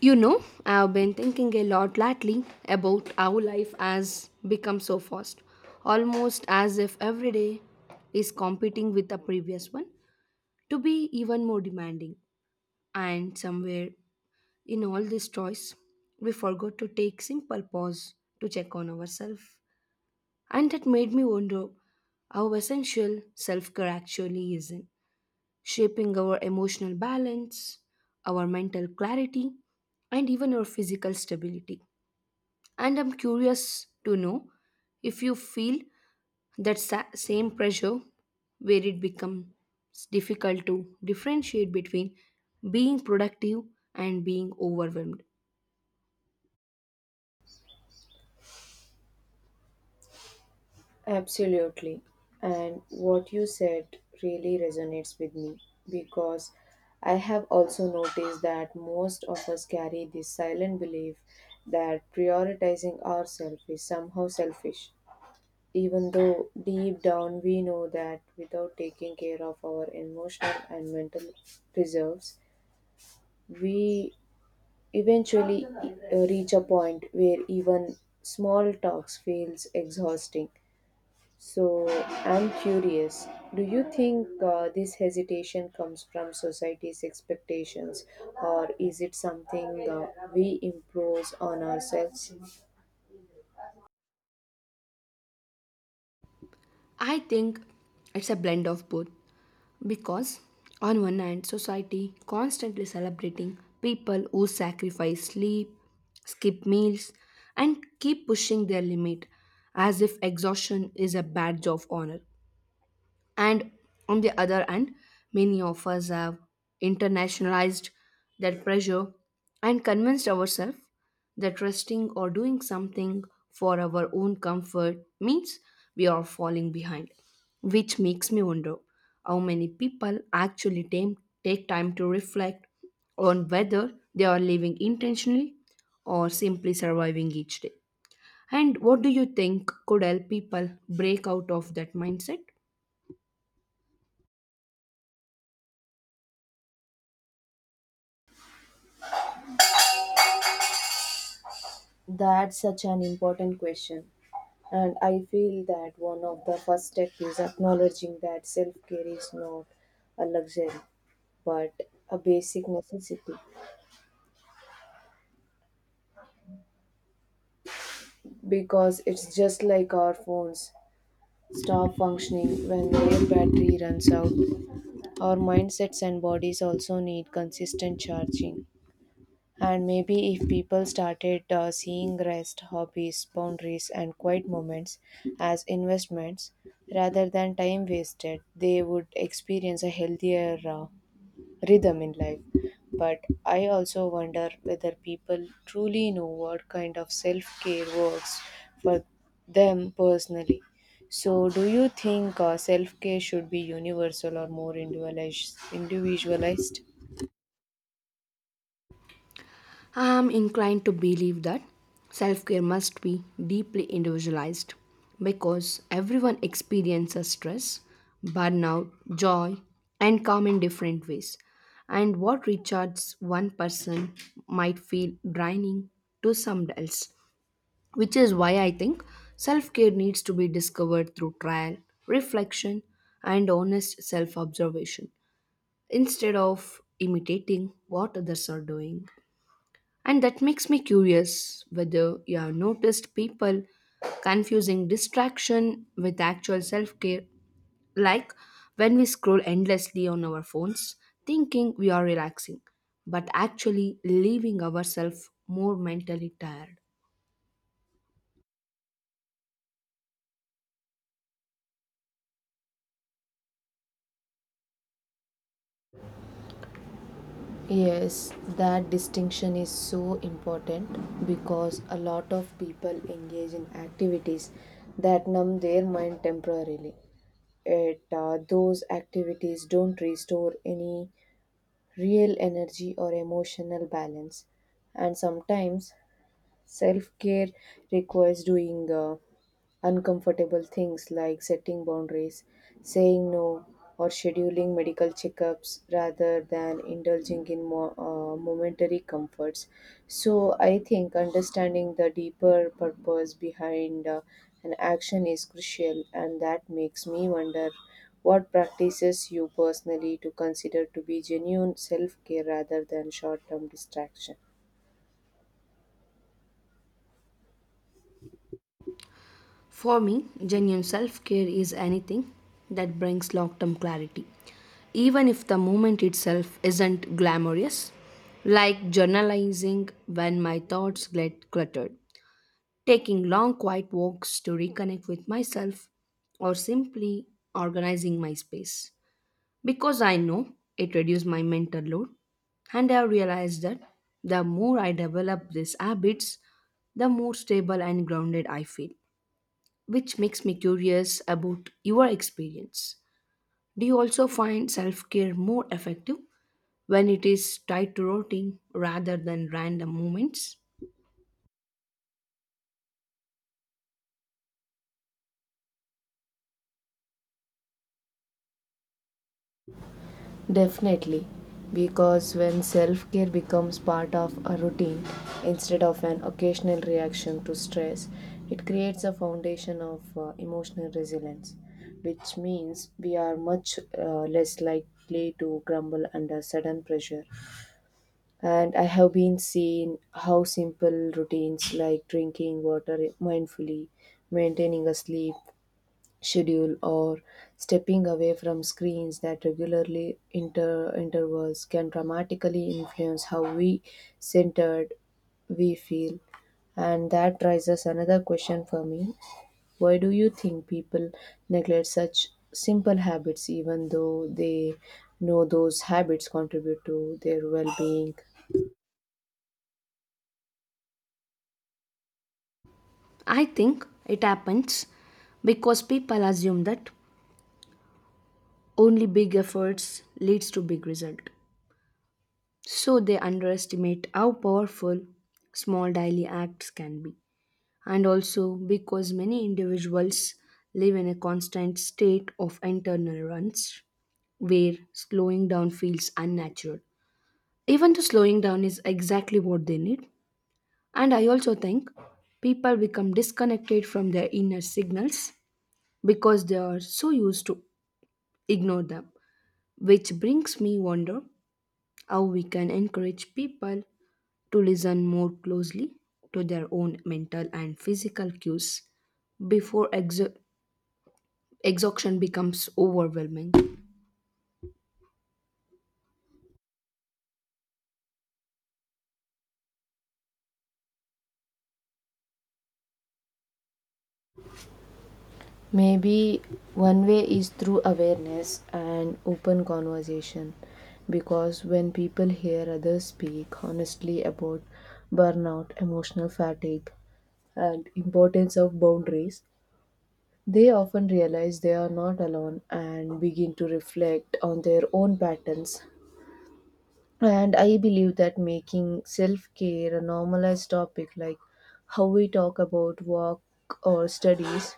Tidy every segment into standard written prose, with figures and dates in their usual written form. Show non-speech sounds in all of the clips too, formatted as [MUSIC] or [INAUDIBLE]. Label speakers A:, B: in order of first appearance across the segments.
A: You know, I've been thinking a lot lately about how life has become so fast, almost as if every day is competing with the previous one to be even more demanding. And somewhere in all this choice, we forgot to take simple pause to check on ourselves. And that made me wonder how essential self care actually is in shaping our emotional balance, our mental clarity, and even our physical stability. And I'm curious to know if you feel that same pressure where it becomes difficult to differentiate between being productive and being overwhelmed.
B: Absolutely. And what you said really resonates with me because I have also noticed that most of us carry this silent belief that prioritizing ourselves is somehow selfish, even though deep down we know that without taking care of our emotional and mental reserves, we eventually reach a point where even small talks feels exhausting. So I'm curious, do you think this hesitation comes from society's expectations, or is it something we impose on ourselves?
A: I think it's a blend of both because, on one hand, society constantly celebrating people who sacrifice sleep, skip meals, and keep pushing their limit as if exhaustion is a badge of honor. And on the other hand, many of us have internationalized that pressure and convinced ourselves that resting or doing something for our own comfort means we are falling behind. Which makes me wonder how many people actually take time to reflect on whether they are living intentionally or simply surviving each day. And what do you think could help people break out of that mindset?
B: That's such an important question. And I feel that one of the first steps is acknowledging that self care is not a luxury but a basic necessity, because it's just like our phones stop functioning when their battery runs out. Our mindsets and bodies also need consistent charging. And maybe if people started seeing rest, hobbies, boundaries, and quiet moments as investments rather than time wasted, they would experience a healthier rhythm in life. But I also wonder whether people truly know what kind of self care works for them personally. So, do you think self care should be universal or more individualized?
A: I am inclined to believe that self care must be deeply individualized because everyone experiences stress, burnout, joy, and calm in different ways. And what recharges one person might feel draining to someone else, which is why I think self care needs to be discovered through trial, reflection, and honest self observation instead of imitating what others are doing. And that makes me curious whether you have noticed people confusing distraction with actual self care, like when we scroll endlessly on our phones, thinking we are relaxing, but actually leaving ourselves more mentally tired.
B: Yes, that distinction is so important because a lot of people engage in activities that numb their mind temporarily. Those activities don't restore any real energy or emotional balance, and sometimes self care requires doing uncomfortable things like setting boundaries, saying no, or scheduling medical checkups rather than indulging in momentary comforts. So, I think understanding the deeper purpose behind an action is crucial, and that makes me wonder what practices you personally to consider to be genuine self care rather than short term distraction.
A: For me, genuine self care is anything that brings long term clarity, even if the moment itself isn't glamorous, like journalizing when my thoughts get cluttered, taking long quiet walks to reconnect with myself, or simply organizing my space because I know it reduces my mental load. And I have realized that the more I develop these habits, the more stable and grounded I feel, which makes me curious about your experience. Do you also find self-care more effective when it is tied to routine rather than random moments?
B: Definitely, because when self care becomes part of a routine instead of an occasional reaction to stress, it creates a foundation of emotional resilience, which means we are much less likely to crumble under sudden pressure. And I have been seeing how simple routines like drinking water mindfully, maintaining a sleep schedule or stepping away from screens that regularly intervals can dramatically influence how we centered we feel, and that raises another question for me. Why do you think people neglect such simple habits even though they know those habits contribute to their well-being?
A: I think it happens because people assume that only big efforts leads to big result. So they underestimate how powerful small daily acts can be. And also because many individuals live in a constant state of internal runs where slowing down feels unnatural. Even though slowing down is exactly what they need. And I also think people become disconnected from their inner signals because they are so used to ignore them, which brings me wonder how we can encourage people to listen more closely to their own mental and physical cues before exhaustion becomes overwhelming.
B: Maybe one way is through awareness and open conversation, because when people hear others speak honestly about burnout, emotional fatigue, and importance of boundaries, they often realize they are not alone and begin to reflect on their own patterns. And I believe that making self care a normalized topic, like how we talk about work or studies,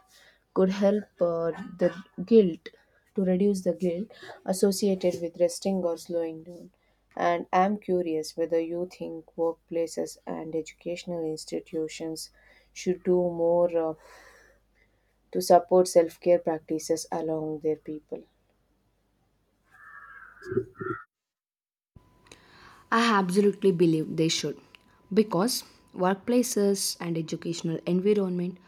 B: could help the guilt to reduce the guilt associated with resting or slowing down. And I'm curious whether you think workplaces and educational institutions should do more to support self care practices along their people.
A: I absolutely believe they should, because workplaces and educational environment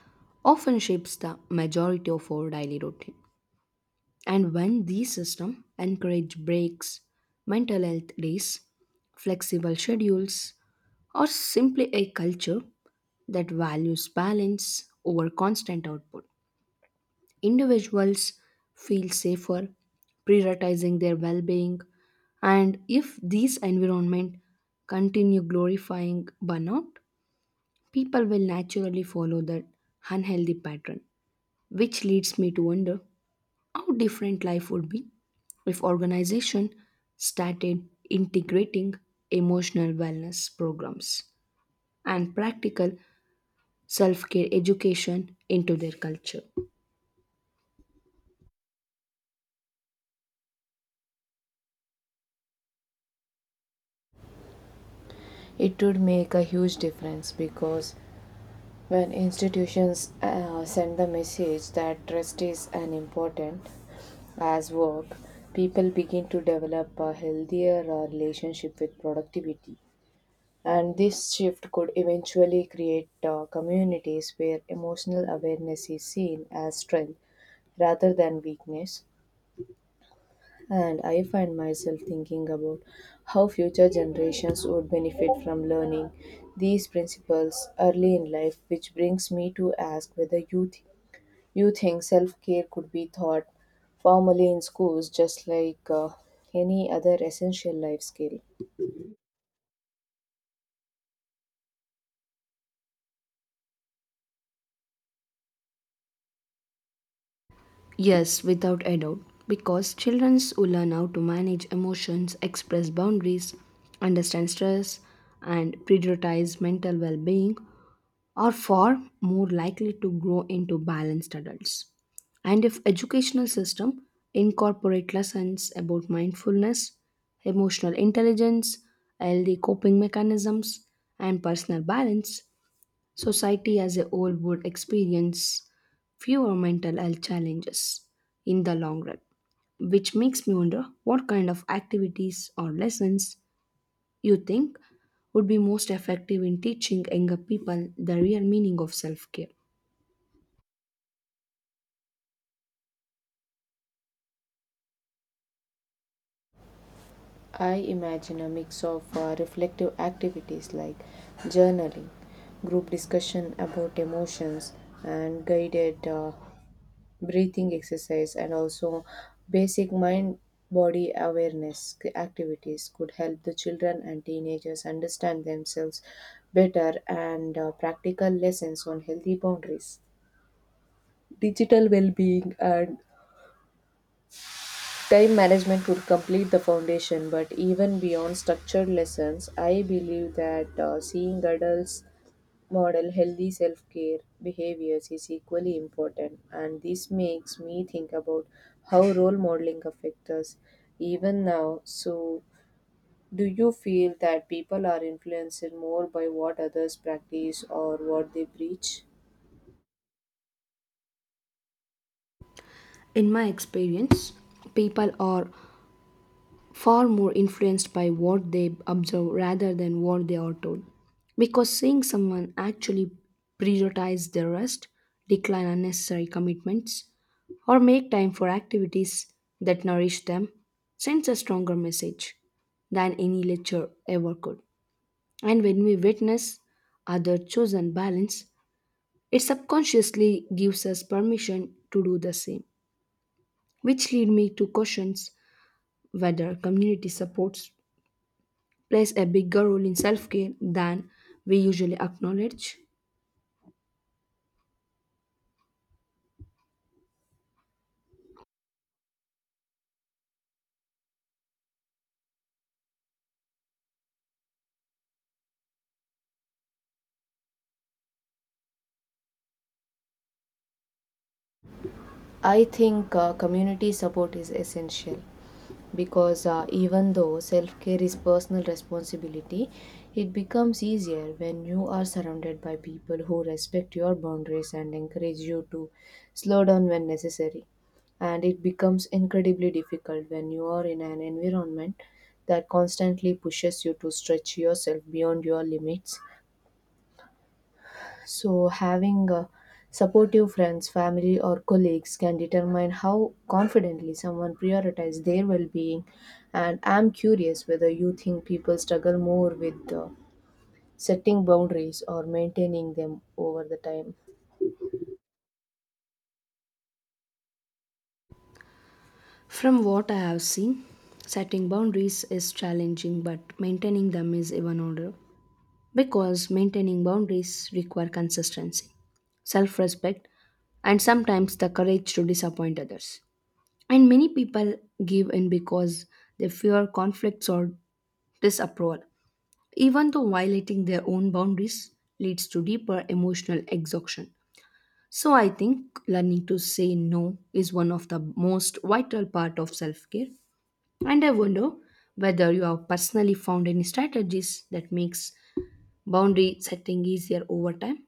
A: often shapes the majority of our daily routine. And when these systems encourage breaks, mental health days, flexible schedules, or simply a culture that values balance over constant output, individuals feel safer, prioritizing their well being. And if these environment continue glorifying burnout, people will naturally follow that unhealthy pattern. Which leads me to wonder how different life would be if organization started integrating emotional wellness programs and practical self care education into their culture.
B: It would make a huge difference because when institutions send the message that rest is as important as work, people begin to develop a healthier relationship with productivity. And this shift could eventually create communities where emotional awareness is seen as strength rather than weakness, and I find myself thinking about how future generations would benefit from learning these principles early in life, which brings me to ask whether you think self care could be taught formally in schools just like any other essential life skill.
A: Yes, without a doubt. Because children will learn how to manage emotions, express boundaries, understand stress, and prioritize mental well being, are far more likely to grow into balanced adults. And if educational system incorporate lessons about mindfulness, emotional intelligence, healthy coping mechanisms, and personal balance, society as a whole would experience fewer mental health challenges in the long run, which makes me wonder what kind of activities or lessons you think would be most effective in teaching younger people the real meaning of self care.
B: I imagine a mix of reflective activities like journaling, group discussion about emotions, and guided. Breathing exercise, and also basic mind body awareness activities could help the children and teenagers understand themselves better, and practical lessons on healthy boundaries. Digital well being and time management would complete the foundation, but even beyond structured lessons, I believe that seeing adults model healthy self care behaviors is equally important, and this makes me think about how role modeling affects us even now. So, do you feel that people are influenced more by what others practice or what they preach?
A: In my experience, people are far more influenced by what they observe rather than what they are told. Because seeing someone actually prioritize their rest, decline unnecessary commitments, or make time for activities that nourish them sends a stronger message than any lecture ever could. And when we witness other chosen balance, it subconsciously gives us permission to do the same, which lead me to questions whether community supports plays a bigger role in self care than we usually acknowledge.
B: I think community support is essential because even though self care is personal responsibility, it becomes easier when you are surrounded by people who respect your boundaries and encourage you to slow down when necessary. And it becomes incredibly difficult when you are in an environment that constantly pushes you to stretch yourself beyond your limits. So, having supportive friends, family, or colleagues can determine how confidently someone prioritizes their well being. And I'm curious whether you think people struggle more with setting boundaries or maintaining them over the time.
A: From what I have seen, setting boundaries is challenging, but maintaining them is even harder because maintaining boundaries require consistency, self respect, and sometimes the courage to disappoint others. And many people give in because they fear conflicts or disapproval, even though violating their own boundaries leads to deeper emotional exhaustion. So I think learning to say no is one of the most vital part of self-care. And I wonder whether you have personally found any strategies that makes boundary setting easier over time.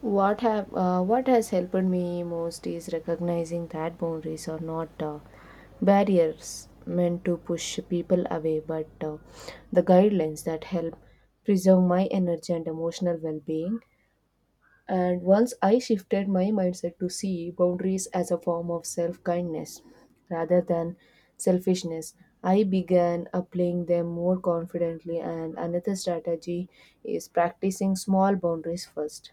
B: What has helped me most is recognizing that boundaries are not barriers meant to push people away, but the guidelines that help preserve my energy and emotional well-being. And once I shifted my mindset to see boundaries as a form of self kindness rather than selfishness, I began applying them more confidently. And another strategy is practicing small boundaries first,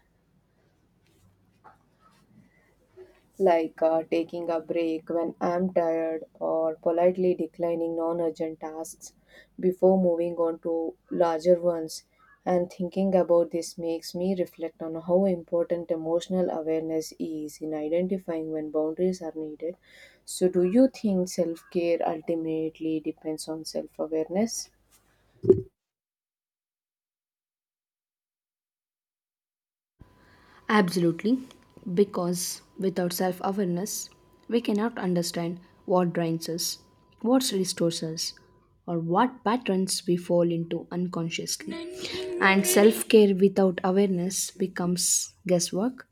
B: like taking a break when I'm tired or politely declining non urgent tasks before moving on to larger ones. And thinking about this makes me reflect on how important emotional awareness is in identifying when boundaries are needed. So, do you think self care ultimately depends on self awareness?
A: Absolutely, because without self awareness, we cannot understand what drains us, what restores us, or what patterns we fall into unconsciously. And self care without awareness becomes guesswork,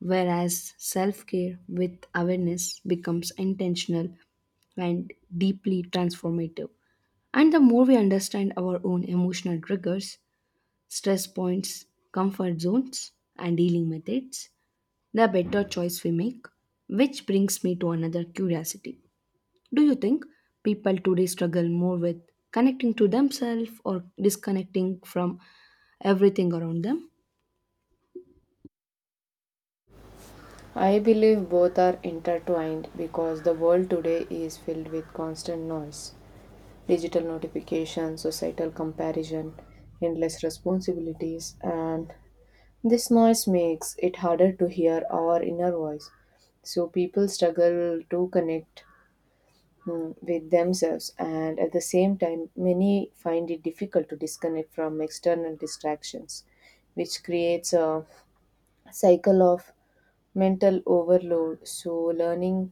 A: whereas self care with awareness becomes intentional and deeply transformative. And the more we understand our own emotional triggers, stress points, comfort zones, and dealing methods, the better choice we make. Which brings me to another curiosity. Do you think people today struggle more with connecting to themselves or disconnecting from everything around them?
B: I believe both are intertwined because the world today is filled with constant noise, digital notification, societal comparison, endless responsibilities, and this noise makes it harder to hear our inner voice. So people struggle to connect with themselves, and at the same time, many find it difficult to disconnect from external distractions, which creates a cycle of mental overload. So, learning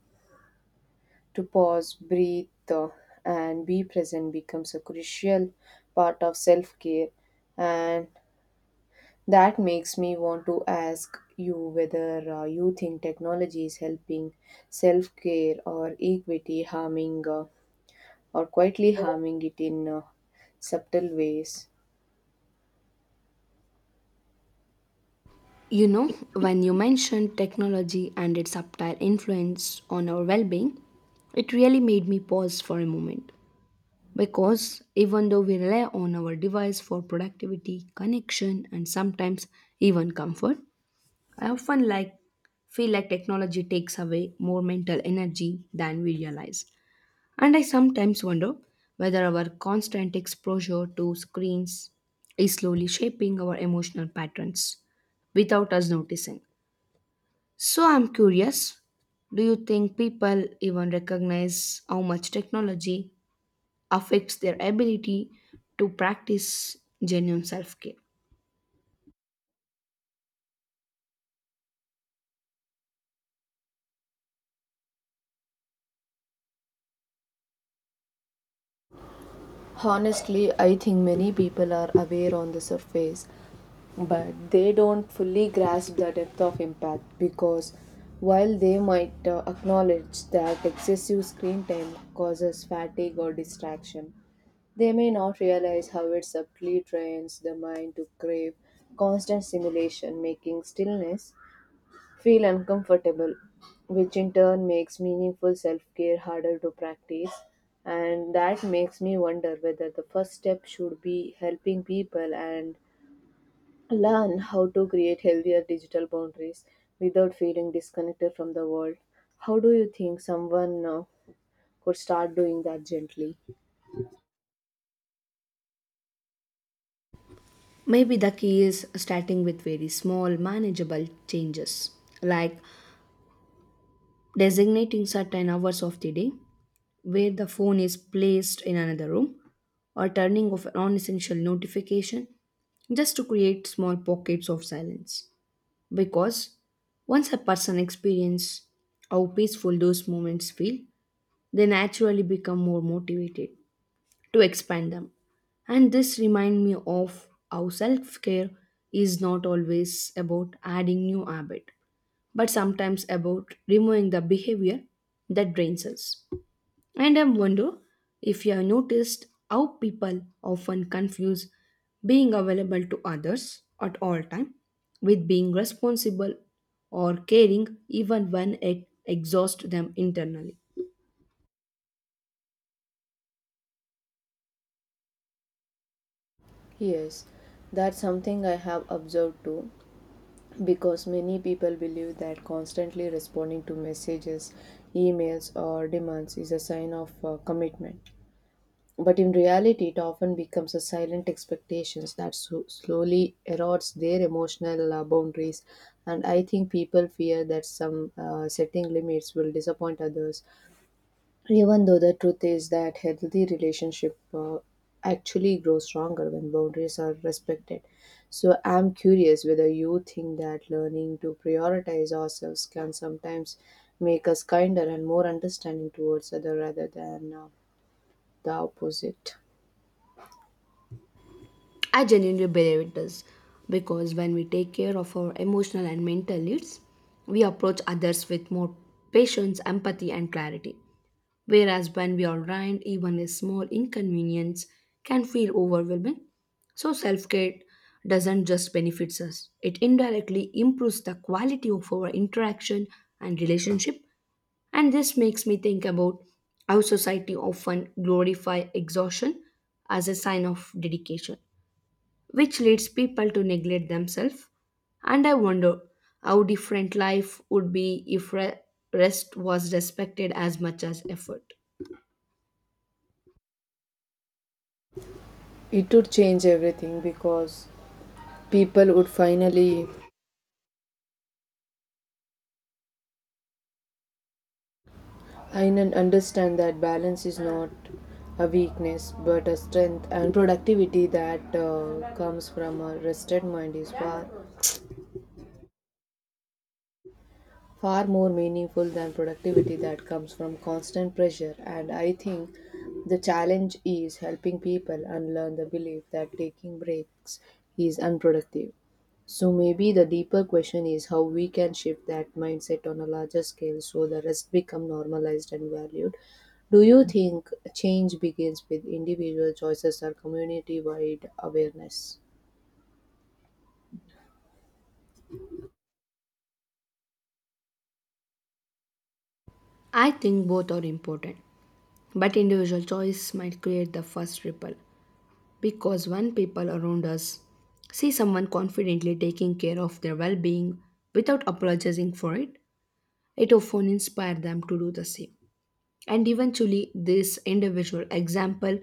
B: to pause, breathe, and be present becomes a crucial part of self care. And that makes me want to ask you whether you think technology is helping self care or equity, harming or quietly harming it in subtle ways.
A: You know, when you mentioned technology and its subtle influence on our well being, it really made me pause for a moment. Because even though we rely on our device for productivity, connection, and sometimes even comfort, I often like feel like technology takes away more mental energy than we realize. And I sometimes wonder whether our constant exposure to screens is slowly shaping our emotional patterns without us noticing. So I'm curious, do you think people even recognize how much technology affects their ability to practice genuine self care?
B: Honestly, I think many people are aware on the surface, but they don't fully grasp the depth of impact because while they might acknowledge that excessive screen time causes fatigue or distraction, they may not realize how it subtly trains the mind to crave constant stimulation, making stillness feel uncomfortable, which in turn makes meaningful self care harder to practice. And that makes me wonder whether the first step should be helping people and learn how to create healthier digital boundaries without feeling disconnected from the world. How do you think someone could start doing that gently?
A: Maybe the key is starting with very small, manageable changes, like designating certain hours of the day where the phone is placed in another room or turning off non essential notification just to create small pockets of silence. Because once a person experiences how peaceful those moments feel, they naturally become more motivated to expand them. And this reminds me of how self care is not always about adding new habit, but sometimes about removing the behavior that drains us. And I wonder if you have noticed how people often confuse being available to others at all time with being responsible or caring even when it exhausts them internally.
B: Yes, that's something I have observed too. Because many people believe that constantly responding to messages, emails, or demands is a sign of commitment. But in reality, it often becomes a silent expectations that slowly erodes their emotional boundaries. And I think people fear that some setting limits will disappoint others, even though the truth is that healthy relationship actually grow stronger when boundaries are respected. So I'm curious whether you think that learning to prioritize ourselves can sometimes make us kinder and more understanding towards other rather than the opposite.
A: I genuinely believe it does because when we take care of our emotional and mental needs, we approach others with more patience, empathy, and clarity. Whereas when we are drained, even a small inconvenience can feel overwhelming. So self care doesn't just benefits us, it indirectly improves the quality of our interaction and relationship. And this makes me think about how society often glorify exhaustion as a sign of dedication, which leads people to neglect themselves. And I wonder how different life would be if rest was respected as much as effort.
B: It would change everything because people would finally understand that balance is not a weakness but a strength, and productivity that comes from a rested mind is far more meaningful than productivity that comes from constant pressure. And I think the challenge is helping people unlearn the belief that taking breaks is unproductive. So maybe the deeper question is how we can shift that mindset on a larger scale so the rest become normalized and valued. Do you think change begins with individual choices or community wide awareness?
A: I think both are important, but individual choice might create the first ripple because when people around us see someone confidently taking care of their well being without apologizing for it, it often inspires them to do the same. And eventually, this individual example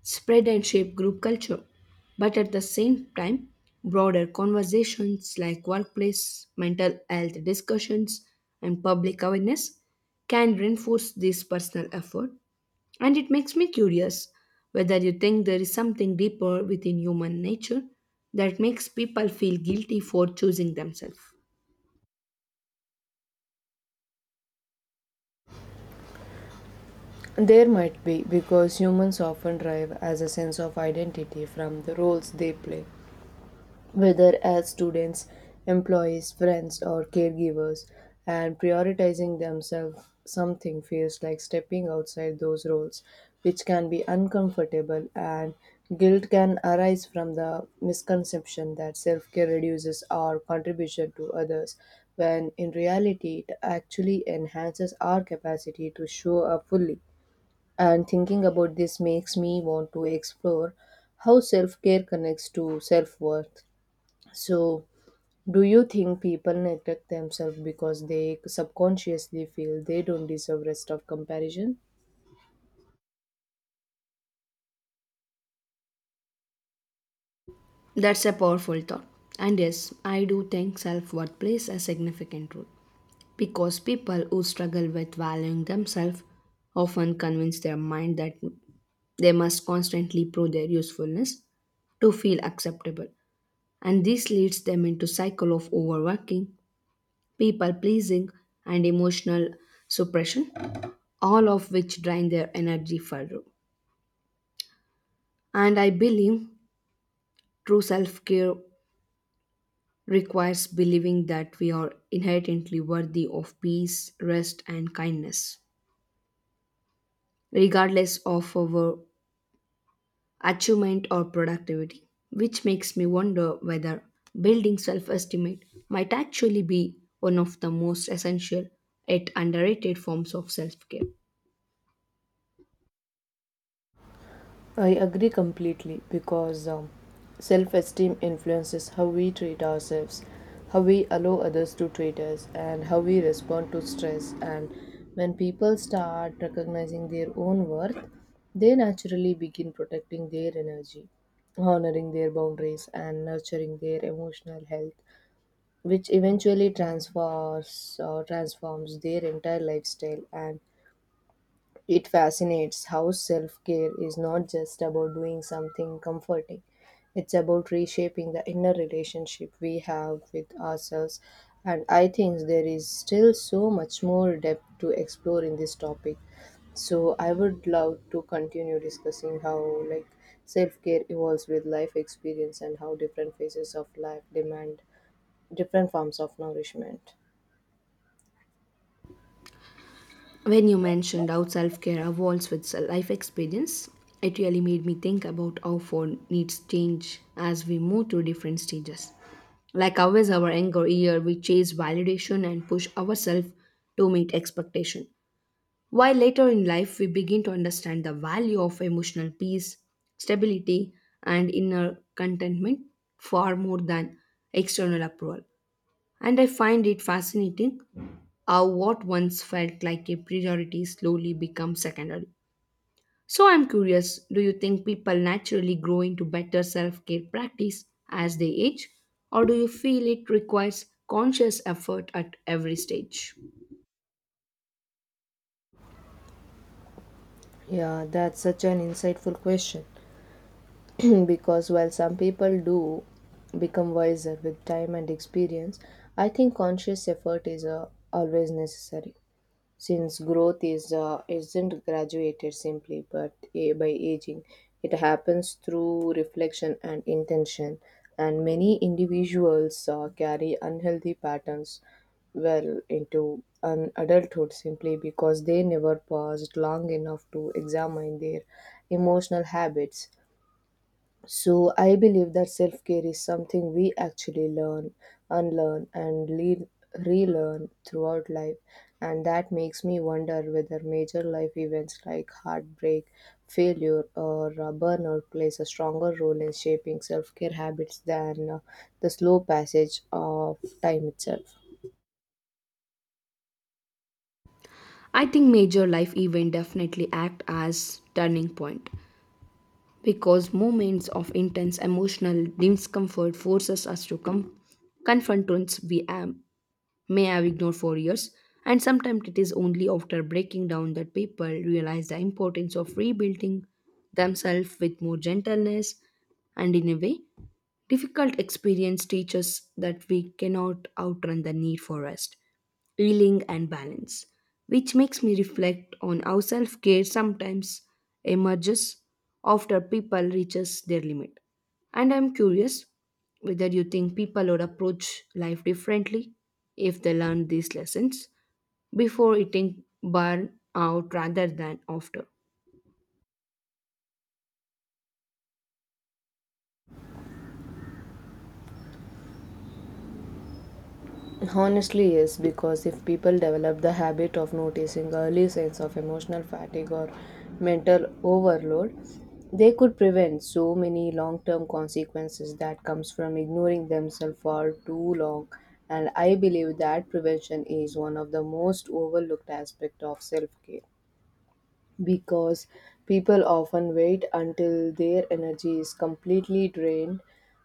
A: spread and shape group culture. But at the same time, broader conversations like workplace, mental health discussions, and public awareness can reinforce this personal effort. And it makes me curious whether you think there is something deeper within human nature that makes people feel guilty for choosing themselves.
B: There might be, because humans often derive as a sense of identity from the roles they play, whether as students, employees, friends, or caregivers, and prioritizing themselves something feels like stepping outside those roles, which can be uncomfortable, and guilt can arise from the misconception that self care reduces our contribution to others, when in reality it actually enhances our capacity to show up fully. And thinking about this makes me want to explore how self care connects to self worth. So, do you think people neglect themselves because they subconsciously feel they don't deserve rest of comparison?
A: That's a powerful thought. And yes, I do think self worth plays a significant role. Because people who struggle with valuing themselves often convince their mind that they must constantly prove their usefulness to feel acceptable, and this leads them into cycle of overworking, people pleasing, and emotional suppression, all of which drain their energy further. And I believe true self-care requires believing that we are inherently worthy of peace, rest, and kindness regardless of our achievement or productivity, which makes me wonder whether building self esteem might actually be one of the most essential yet underrated forms of self care.
B: I agree completely because self esteem influences how we treat ourselves, how we allow others to treat us, and how we respond to stress. And when people start recognizing their own worth, they naturally begin protecting their energy, honoring their boundaries, and nurturing their emotional health, which eventually transfers or transforms their entire lifestyle, and it fascinates how self care is not just about doing something comforting, it's about reshaping the inner relationship we have with ourselves. And I think there is still so much more depth to explore in this topic. So I would love to continue discussing how, like, self care evolves with life experience and how different phases of life demand different forms of nourishment.
A: When you mentioned how self care evolves with life experience, it really made me think about how our needs change as we move through different stages. Like always, our younger year, we chase validation and push ourselves to meet expectation. While later in life we begin to understand the value of emotional peace, stability, and inner contentment far more than external approval. And I find it fascinating how what once felt like a priority slowly becomes secondary. So I'm curious, do you think people naturally grow into better self care practice as they age, or do you feel it requires conscious effort at every stage?
B: Yeah, that's such an insightful question. [CLEARS THROAT] Because while some people do become wiser with time and experience, I think conscious effort is always necessary, since growth is isn't graduated simply by aging. It happens through reflection and intention, and many individuals carry unhealthy patterns well into an adulthood simply because they never paused long enough to examine their emotional habits. So I believe that self care is something we actually learn, unlearn, and relearn throughout life. And that makes me wonder whether major life events like heartbreak, failure, or burnout plays a stronger role in shaping self care habits than the slow passage of time itself.
A: I think major life events definitely act as turning point because moments of intense emotional discomfort forces us to confront truths we may have ignored for years, and sometimes it is only after breaking down that people realize the importance of rebuilding themselves with more gentleness. And in a way, difficult experience teaches that we cannot outrun the need for rest, healing, and balance, which makes me reflect on how self care sometimes emerges after people reaches their limit. And I'm curious whether you think people would approach life differently if they learn these lessons before eating burn out rather than after.
B: Honestly, yes, because if people develop the habit of noticing early signs of emotional fatigue or mental overload, they could prevent so many long-term consequences that comes from ignoring themselves for too long. And I believe that prevention is one of the most overlooked aspect of self-care, because people often wait until their energy is completely drained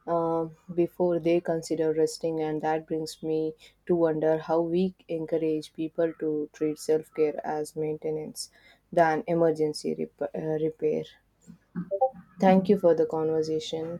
B: before they consider resting, and that brings me to wonder how we encourage people to treat self-care as maintenance than emergency repair. Thank you for the conversation.